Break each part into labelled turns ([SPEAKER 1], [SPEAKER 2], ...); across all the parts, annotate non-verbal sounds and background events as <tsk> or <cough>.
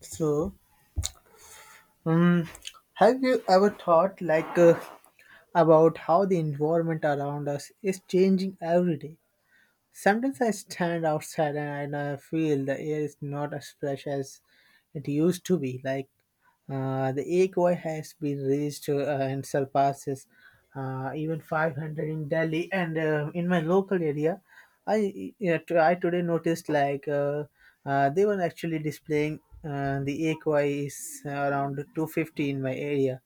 [SPEAKER 1] So, um, have you ever thought like about how the environment around us is changing every day? Sometimes I stand outside and I feel the air is not as fresh as it used to be. Like the equi has been reached and surpasses even 500 in Delhi and in my local area. I yeah, t- I today noticed like they were actually displaying the equi is around 250 in my area,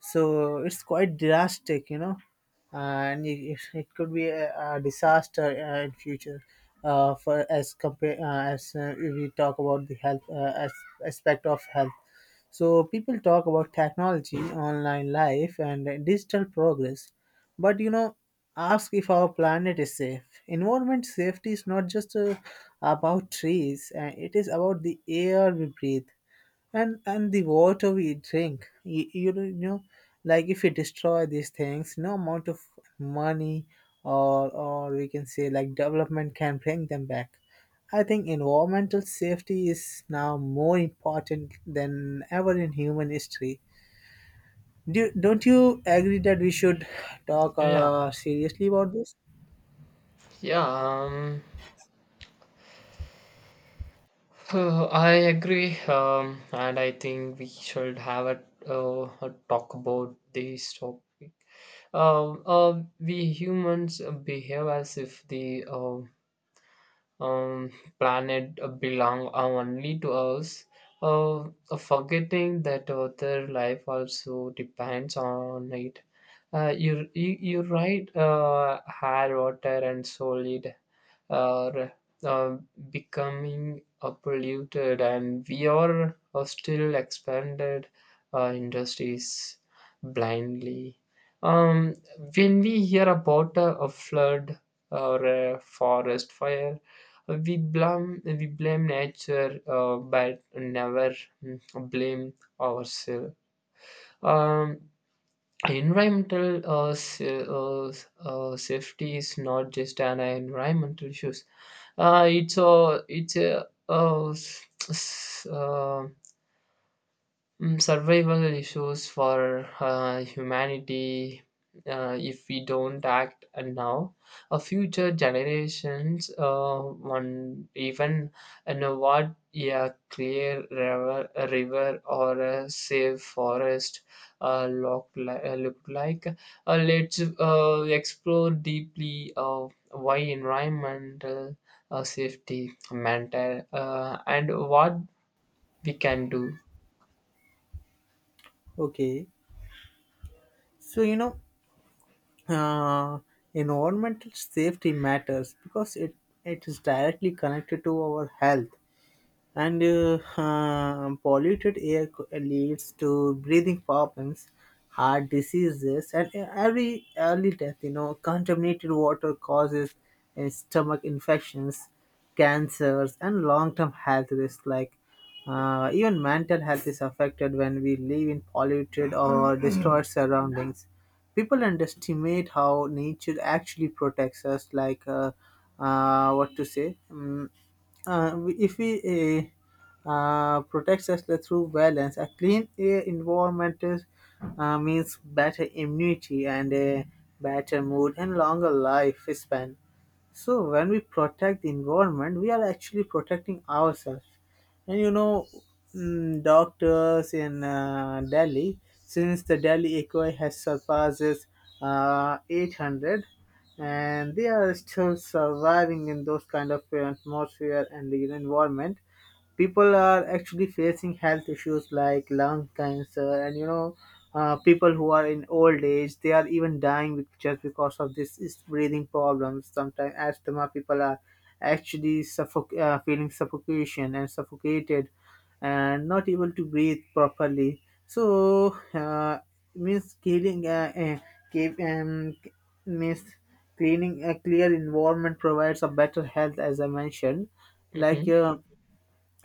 [SPEAKER 1] so it's quite drastic, and it could be a disaster in future. For as compare as if we talk about the health as aspect of health, so people talk about technology, online life, and digital progress, but ask if our planet is safe. Environment safety is not just about trees; it is about the air we breathe, and the water we drink, like if we destroy these things, no amount of money or we can say like development can bring them back. I think environmental safety is now more important than ever in human history. Don't you agree that we should talk
[SPEAKER 2] Yeah,
[SPEAKER 1] seriously about this?
[SPEAKER 2] yeah. <sighs> I agree, and I think we should have a talk about this topic. We humans behave as if the um, planet belong only to us, uh, forgetting that other life also depends on it. You right, air, water, and solid are uh, becoming polluted, and we are still expanded industries blindly. um, when we hear about a flood or a forest fire, we blame nature, but never mm, blame ourselves. um, Environmental safety is not just an environmental issue. It's survival issues for humanity. If we don't act now, a future generations one even you know what a clear river, a river or a safe forest look like. Let's explore deeply why environmental safety matter, and what we can do.
[SPEAKER 1] Okay, so, uh, environmental safety matters because it is directly connected to our health, and polluted air leads to breathing problems, heart diseases, and every early death. Contaminated water causes stomach infections, cancers, and long-term health risks. Like even mental health is affected when we live in polluted or destroyed surroundings. People underestimate how nature actually protects us, like what to say. If we protects us through balance, a clean air environment means better immunity and a better mood and longer life span. So when we protect the environment, we are actually protecting ourselves. And doctors in Delhi, since the Delhi echo has surpasses 800, and they are still surviving in those kind of atmosphere and the environment. People are actually facing health issues like lung cancer, and people who are in old age, they are even dying just because of this is breathing problems. Sometimes asthma people are actually feeling suffocation and suffocated and not able to breathe properly. So means cleaning keep, um, means cleaning a clear environment provides a better health, as I mentioned. Like
[SPEAKER 2] Mhm.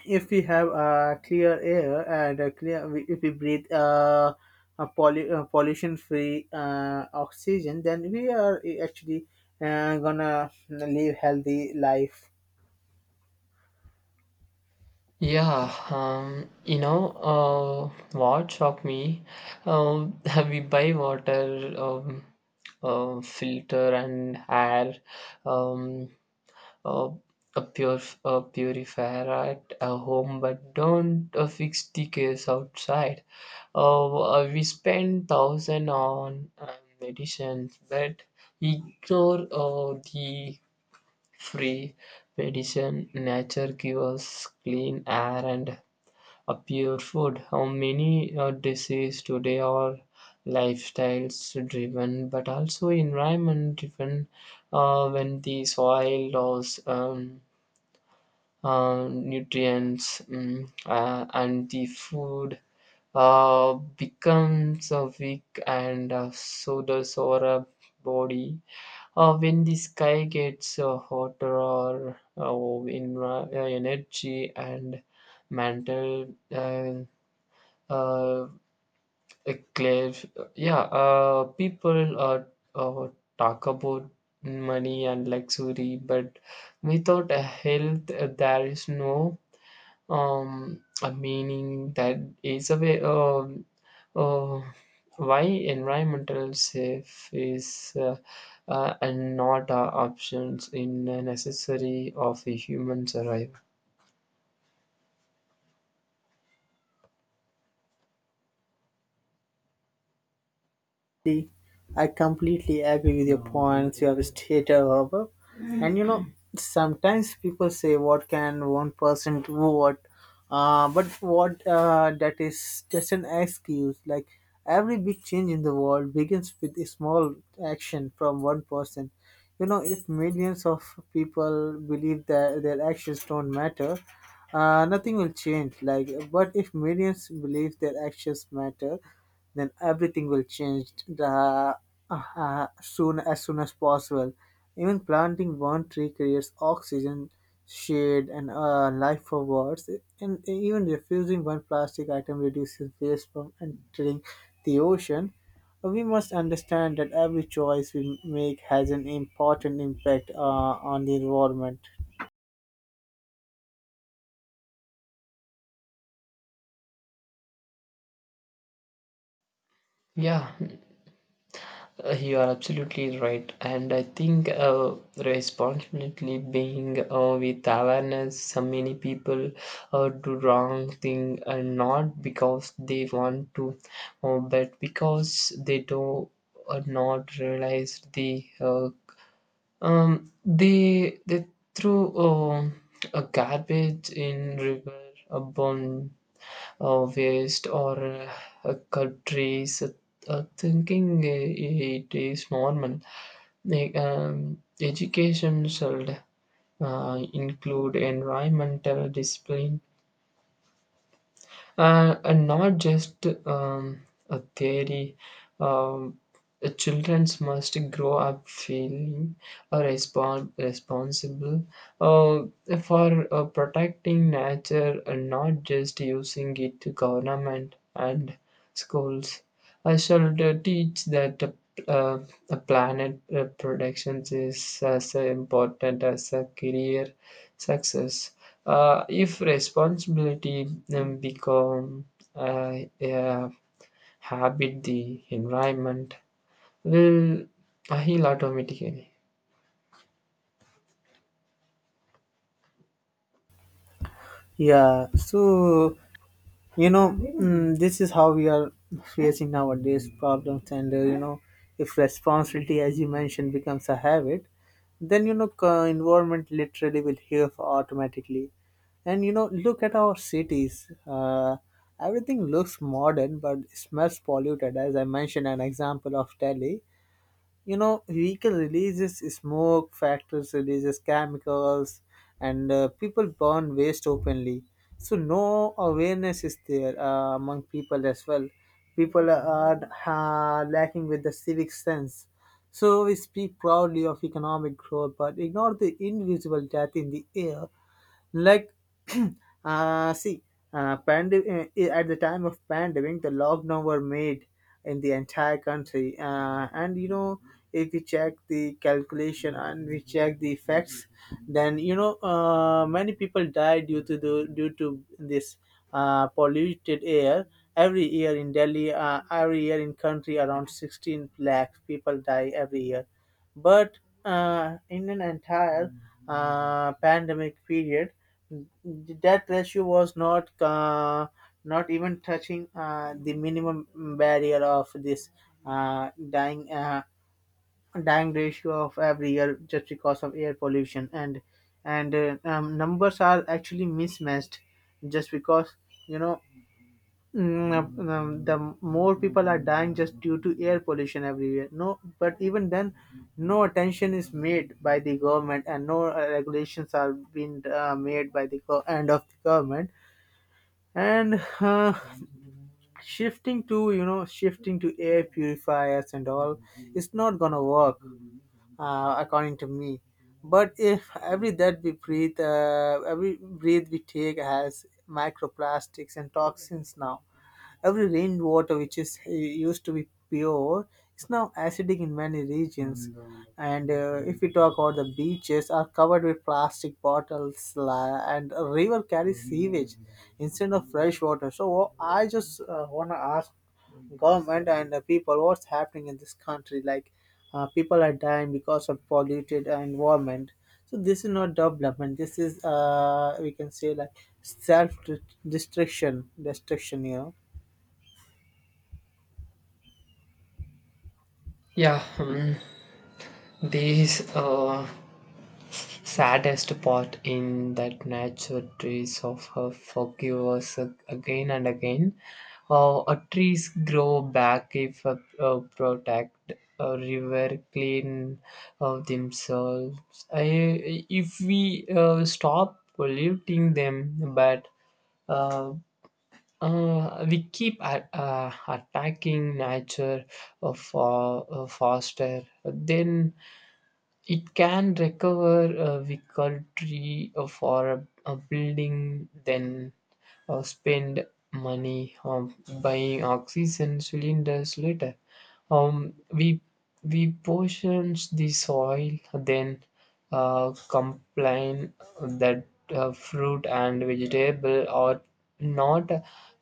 [SPEAKER 1] if we have clear air and if we breathe a pollution-free oxygen, then we are actually gonna live healthy life.
[SPEAKER 2] Yeah, you know, what shocked me? Um, <laughs> we buy water, filter and air, um, uh, a pure a purifier at a home, but don't fix the case outside. We spend thousand on medicines, but ignore the free medicine nature gives us, clean air and pure food. How many diseases today are lifestyles driven but also environment driven? When the soil loss nutrients and the food becomes weak, and so does our body. When the sky gets hotter or in energy and mental uh, eclipse. Yeah, people uh, talk about money and luxury, but without a health, there is no a meaning, that is a way. Uh, why environmental safe is and not options in a necessary of a human survival.
[SPEAKER 1] Completely I completely agree with your points you have stated above. And sometimes people say, "What can one person do?" What, but what that is just an excuse. Like every big change in the world begins with a small action from one person. You know, if millions of people believe that their actions don't matter, nothing will change. Like, but if millions believe their actions matter, then everything will change the soon as possible. Even planting one tree creates oxygen, shade, and life for birds. And even refusing one plastic item reduces waste from entering the ocean. We must understand that every choice we make has an important impact on the environment.
[SPEAKER 2] Yeah, you are absolutely right, and I think responsibility being with awareness, so many people do wrong thing, and not because they want to, but because they do not realize the. They threw a garbage in river, a bone waste, or countries thinking it is normal. Like, education should include environmental discipline, and not just a theory. Um, Children must grow up feeling responsible uh, for protecting nature, and not just using it. To government and schools, I should teach that a planet production is as important as a career success. If responsibility become a habit, the environment will heal automatically.
[SPEAKER 1] Yeah, so, this is how we are facing nowadays problems. And if responsibility, as you mentioned, becomes a habit, then environment literally will heal automatically. And look at our cities, everything looks modern but smells polluted, as I mentioned an example of Delhi. You know vehicle releases smoke, factories releases chemicals, and people burn waste openly. So no awareness is there among people as well. People are lacking with the civic sense. So we speak proudly of economic growth but ignore the invisible death in the air. Like <clears throat> see, at the time of pandemic, the lockdown were made in the entire country. Uh, and you know, if we check the calculation and we check the facts, then many people die due to this polluted air every year. In Delhi, every year in country, around 16 lakh people die every year. But in an entire pandemic period, the death ratio was not even touching the minimum barrier of this uh, dying uh, dying ratio of every year just because of air pollution. And numbers are actually mismatched just because you know the more people are dying just due to air pollution everywhere. No, but even then, no attention is made by the government, and no regulations are being made by the end of the government. And shifting to air purifiers and all, it's not gonna work according to me. But if every breath we take has microplastics and toxins now. Every rainwater which is used to be pure is now acidic in many regions. And if we talk about the beaches, are covered with plastic bottles, and a river carries sewage instead of fresh water. So I just wanna ask government and the people what's happening in this country. Like people are dying because of polluted environment. So this is not development. This is we can say like self destruction.
[SPEAKER 2] Yeah, these. Saddest part in that nature, trees of her forgive us, again and again. Trees grow back if protect, a river clean of themselves. I, if we stop polluting them, but uh, we keep attacking nature for, faster, then it can recover a victory for a building, then spend money on buying oxygen cylinders later. Um, we we portion the soil, then complain that fruit and vegetable are not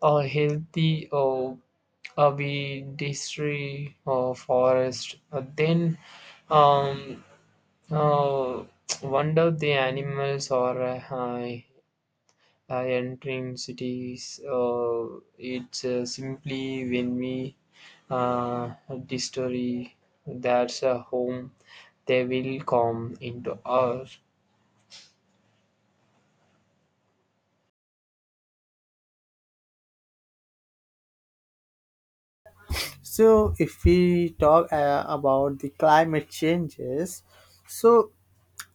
[SPEAKER 2] healthy, or we destroy forest. Then um, uh, <tsk> wonder the animals are entering cities. It's simply when we uh, destroy that's a home, they will come into ours.
[SPEAKER 1] So, if we talk about the climate changes, so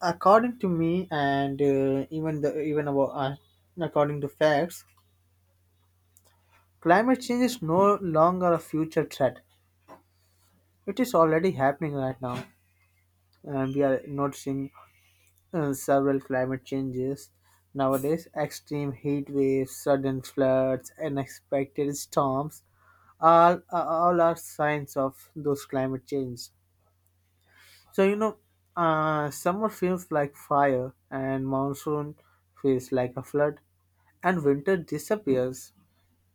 [SPEAKER 1] according to me, and even, about according to facts, climate change is no longer a future threat. It is already happening right now, and we are noticing several climate changes nowadays: extreme heat waves, sudden floods, unexpected storms. All are signs of those climate change. So, summer feels like fire, and monsoon feels like a flood, and winter disappears.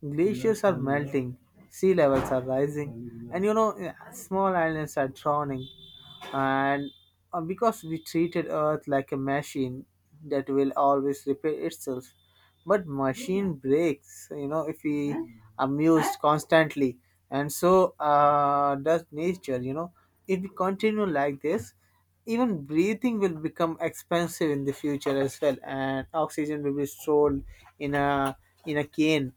[SPEAKER 1] Glaciers are melting, sea levels are rising, and yeah, small islands are drowning. And because we treated Earth like a machine that will always repair itself, but machine breaks, if we amused constantly, and so does nature. You know if we continue like this, even breathing will become expensive in the future as well, and oxygen will be sold in a in a cane,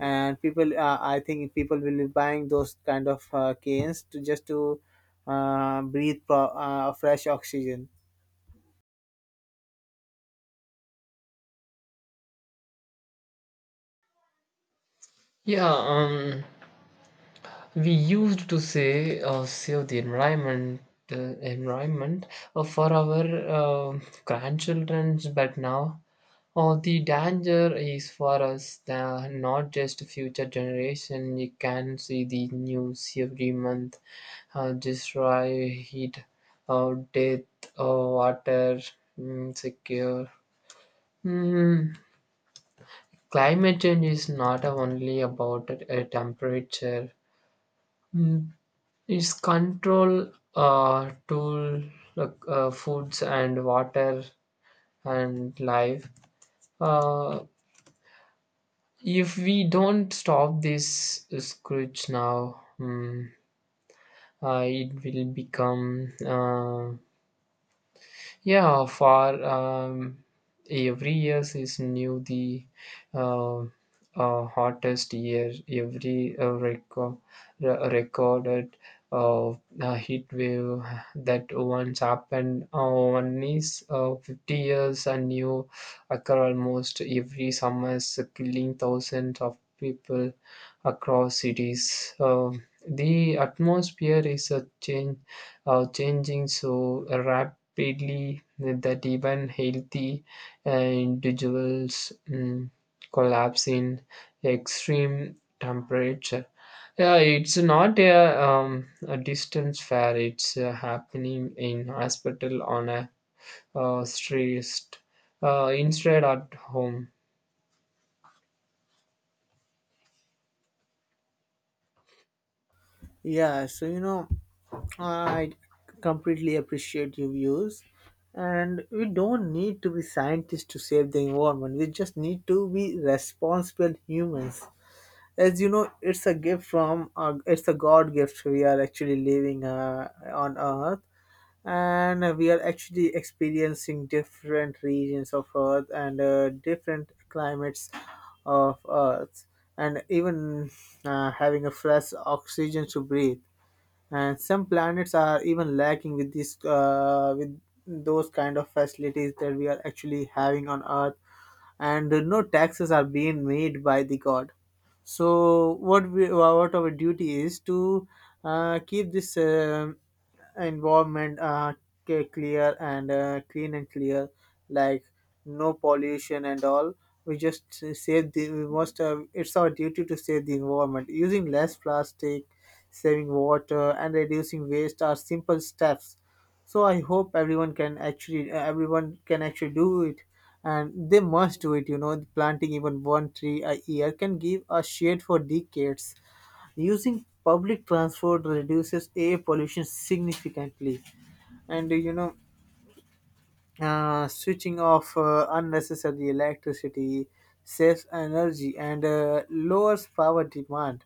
[SPEAKER 1] and people, I think people will be buying those kind of canes to just to breathe fresh oxygen.
[SPEAKER 2] Yeah, we used to say save the environment for our grandchildren, but now the danger is for us, not just future generation. You can see the news every month, destroy, heat, death, water, secure. Mm, Climate change is not only about a temperature. mm, is control tool, like, foods and water and life. uh, if we don't stop this scrooge now, it will become Yeah, for every year is new. The uh, hottest year, every recorded uh, heat wave that once happened. One is 50 years, and new occur almost every summer, killing thousands of people across cities. The atmosphere is a change changing so rapidly that even healthy individuals collapse in extreme temperature. Yeah, it's not a, a distance fair. It's happening in hospital, on a street, instead at home.
[SPEAKER 1] Yeah, so I completely appreciate your views. And we don't need to be scientists to save the environment. We just need to be responsible humans. As you know, it's a God gift we are actually living on Earth. And we are actually experiencing different regions of Earth and different climates of Earth, and even having a fresh oxygen to breathe, and some planets are even lacking with those kind of facilities that we are actually having on Earth. And no taxes are being made by the God, so what our duty is to keep this environment clear and clean and clear, like no pollution and all. We just s- save the we must It's our duty to save the environment. Using less plastic, saving water, and reducing waste are simple steps. So I hope everyone can actually do it and they must do it. Planting even one tree a year can give a shade for decades. Using public transport reduces air pollution significantly. And switching off unnecessary electricity saves energy and lowers power demand.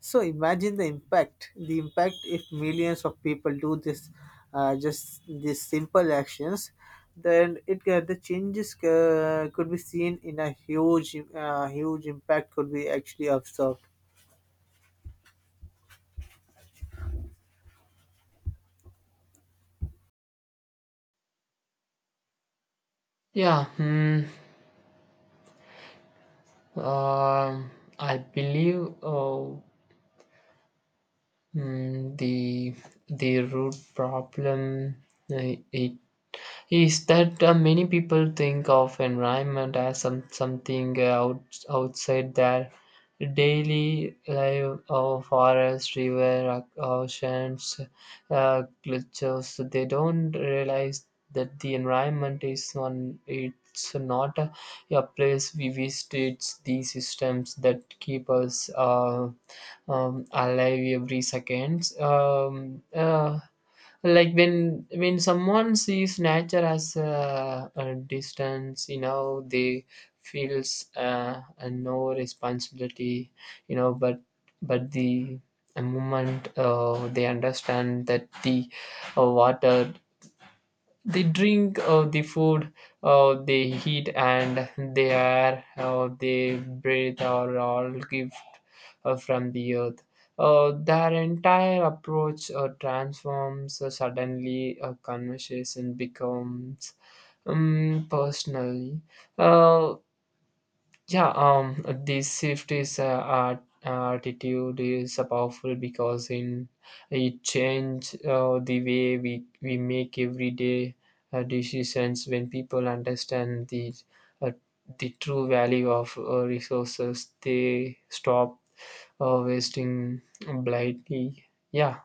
[SPEAKER 1] So imagine the impact. The impact, if millions of people do this, just these simple actions, then the changes could be seen in a huge impact could be actually observed.
[SPEAKER 2] Yeah, um I believe. Mm, the the root problem, it is that many people think of environment as some something outside their daily life, of forest, river, oceans, glaciers. They don't realize that the environment is one, it's not a place we visit, it's the systems that keep us alive every second. Like when someone sees nature as a distance, you know, they feels a no responsibility, you know. But the a moment they understand that the water they drink, the food they eat, and the air they breathe are all gift from the earth, their entire approach transforms. Suddenly a conversation becomes personally uh, yeah, um, this shift is attitude is powerful because in it change the way we make everyday decisions. When people understand uh, the true value of resources, they stop wasting blindly. Yeah.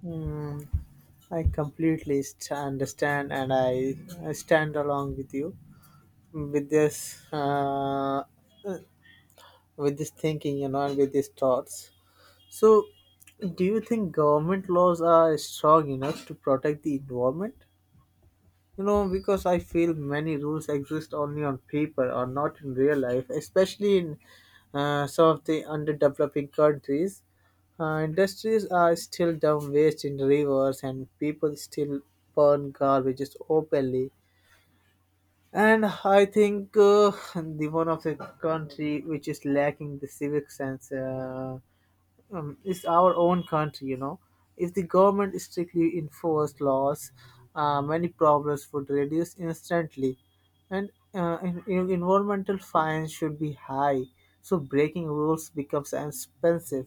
[SPEAKER 1] Hmm. I completely understand, and I stand along with you with with this thinking, and with these thoughts. So, do you think government laws are strong enough to protect the environment? You know, because I feel many rules exist only on paper or not in real life, especially in some of the underdeveloping countries. Industries are still dump waste in rivers, and people still burn garbage openly. And I think <laughs> the one of the country which is lacking the civic sense. Is our own country. If the government strictly enforced laws, many problems would reduce instantly. And environmental fines should be high, so breaking rules becomes expensive.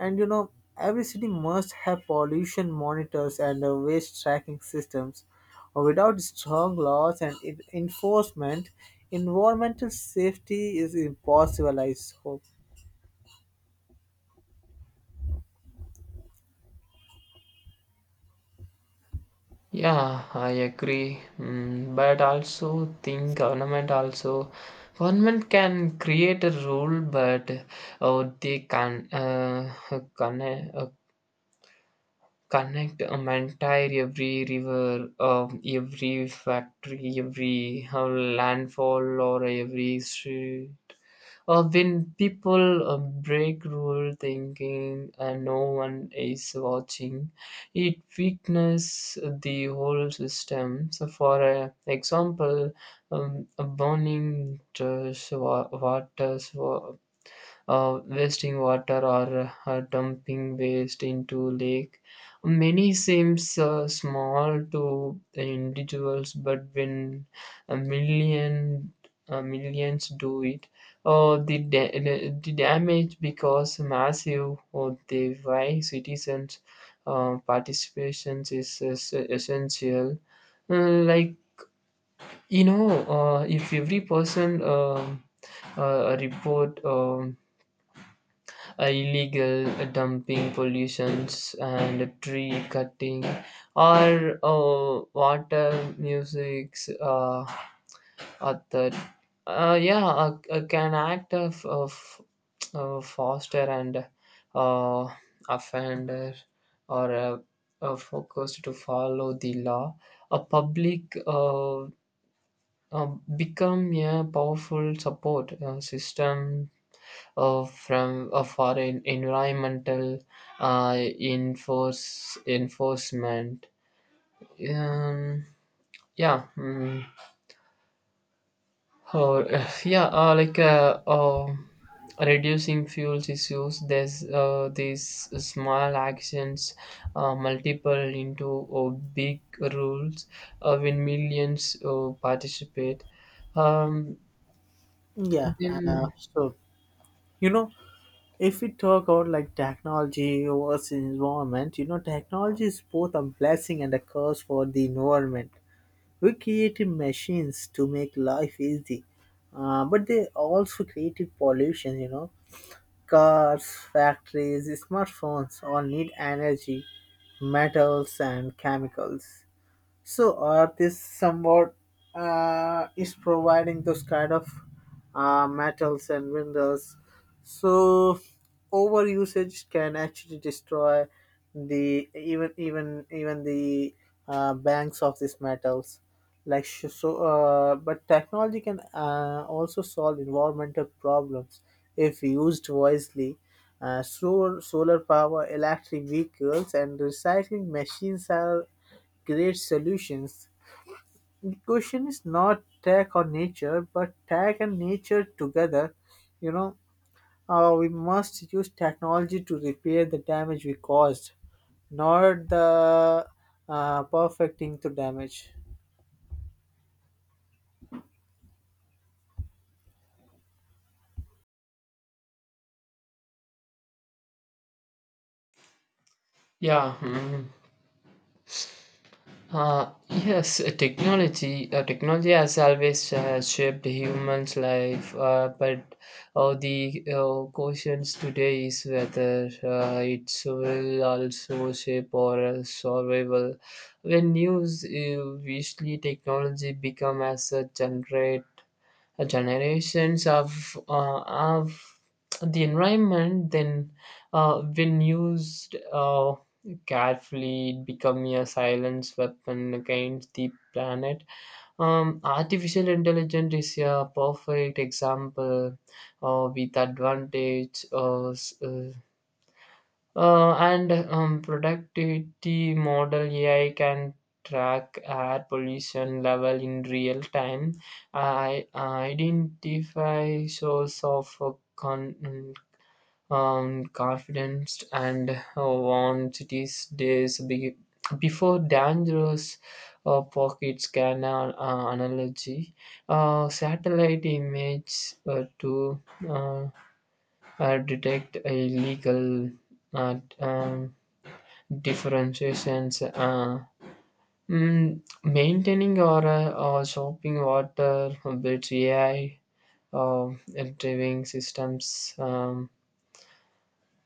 [SPEAKER 1] And every city must have pollution monitors and waste tracking systems. Or without strong laws and enforcement, environmental safety is impossible, I hope.
[SPEAKER 2] Yeah, I agree. But also think government also government can create a rule, but oh, they can connect uh, connect entire, every river, every factory, every landfall, or every street. When people break rule thinking, and no one is watching, it weakens the whole system. So, for example, a burning to water, wasting water, or dumping waste into lake. Many seems small to the individuals, but when a million millions do it, uh, the da- the damage becomes massive. Or the why citizens participations is essential. Like, you know, if every person report illegal dumping, pollutions, and tree cutting, or water musics. At the uh, yeah, a can act of foster and uh, offender, or focused to follow the law. A public uh, become a powerful support system from for environmental enforcement. Um, yeah, mm, or <laughs> like reducing fuel issues. There's these small actions multiple into big rules when millions participate. Um,
[SPEAKER 1] Yeah,
[SPEAKER 2] then
[SPEAKER 1] so, you know, if we talk about, like, technology versus environment, technology is both a blessing and a curse for the environment. We created machines to make life easy, but they also created pollution. Cars, factories, smartphones, all need energy, metals, and chemicals. So Earth is somewhat, is providing those kind of metals and minerals. So over usage can actually destroy the even even even the banks of these metals. Like, but technology can also solve environmental problems if used wisely. Solar power, electric vehicles, and recycling machines are create solutions. The question is not tech or nature, but tech and nature together. You know, we must use technology to repair the damage we caused, not the perfecting the damage.
[SPEAKER 2] yeah. Mm. Yes, technology has always shaped humans' life, but the questions today is whether it will also shape our survival. When news usually technology become as a generate generations of the environment, then when used carefully, it become a silence weapon against the planet. Artificial intelligence is a perfect example. With advantage and productivity model, AI can track air pollution level in real time, I identify source of confidence, and warn cities days before dangerous pockets. Can analogy satellite image to uh, detect illegal uh, um, differentiations, maintaining, or shopping water with AI. uh, Driving systems, um,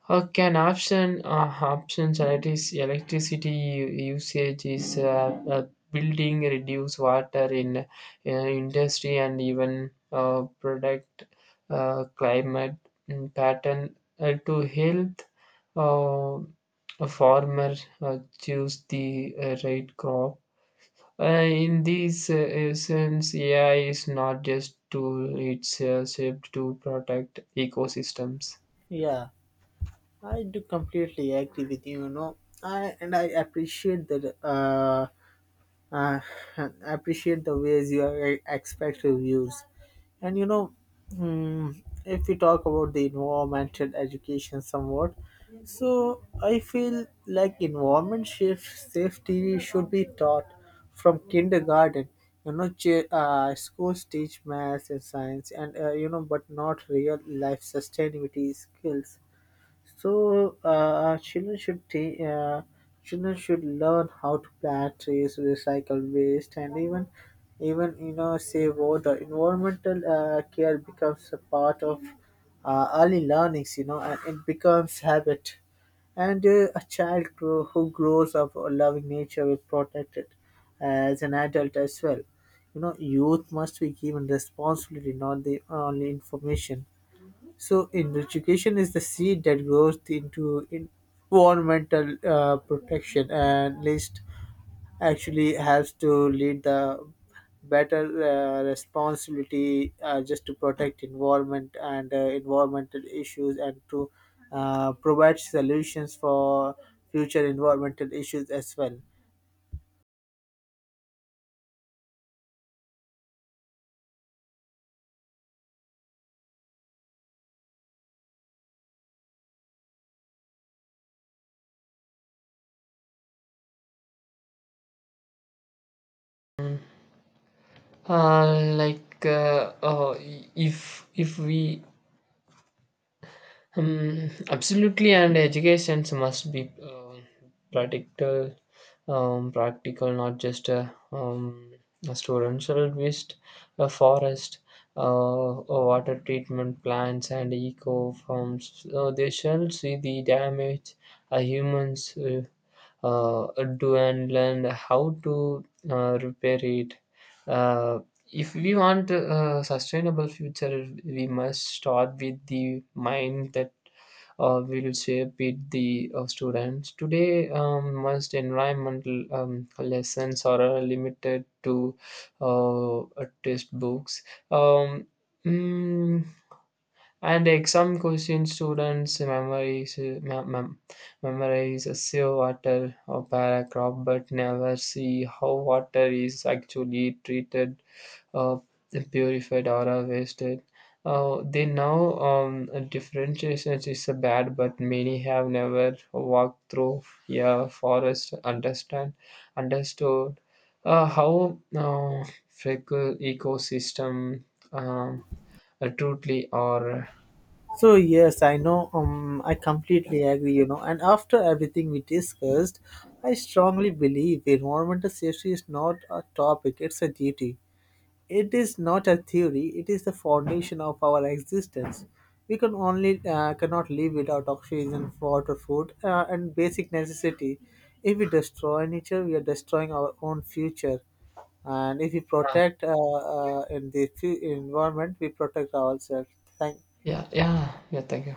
[SPEAKER 2] uh, can options electricity usage, is building, reduce water in industry, and even protect climate pattern to health. uh, a farmer choose the right crop. In this sense, AI is not just tool, it's shaped to protect ecosystems.
[SPEAKER 1] Yeah, I do completely agree with you. You know, I and I appreciate that. Uh, <laughs> appreciate the ways you are expect reviews. And mm, if we talk about the environmental education somewhat, so I feel like environment shift safety should be taught from kindergarten. You schools teach math and science and, but not real life sustainability skills. So children should learn how to plant trees, recycle waste, and even save water. Environmental care becomes a part of early learnings, and it becomes habit. And a child who grows up loving nature will protect it as an adult as well. Youth must be given responsibility, not the only information. So, in education is the seed that grows into environmental protection, and list actually has to lead the better responsibility just to protect environment and environmental issues, and to provide solutions for future environmental issues as well.
[SPEAKER 2] Uh, like uh, uh, if we absolutely, and educations must be practical, practical not just a student shall visit a forest, a water treatment plants, and eco farms, so they shall see the damage humans uh, do, and learn how to repair it. Uh, if we want a sustainable future, we must start with the mind that will shape it, the students. Today, most environmental lessons are limited to uh, test books. Um, mm, and exam question, students memorize, memorize a sea water or paragraph, but never see how water is actually treated, uh, purified, or wasted. They know differentiation is bad, but many have never walked through a forest to understand understood how fecal ecosystem um, truly are.
[SPEAKER 1] So yes, I know. I completely agree. And after everything we discussed, I strongly believe environmental safety is not a topic; it's a duty. It is not a theory. It is the foundation of our existence. We can only cannot live without oxygen, water, food, and basic necessity. If we destroy nature, we are destroying our own future. And if we protect in the fu- environment, we protect ourselves. Thank you.
[SPEAKER 2] Yeah, yeah, yeah. Thank you.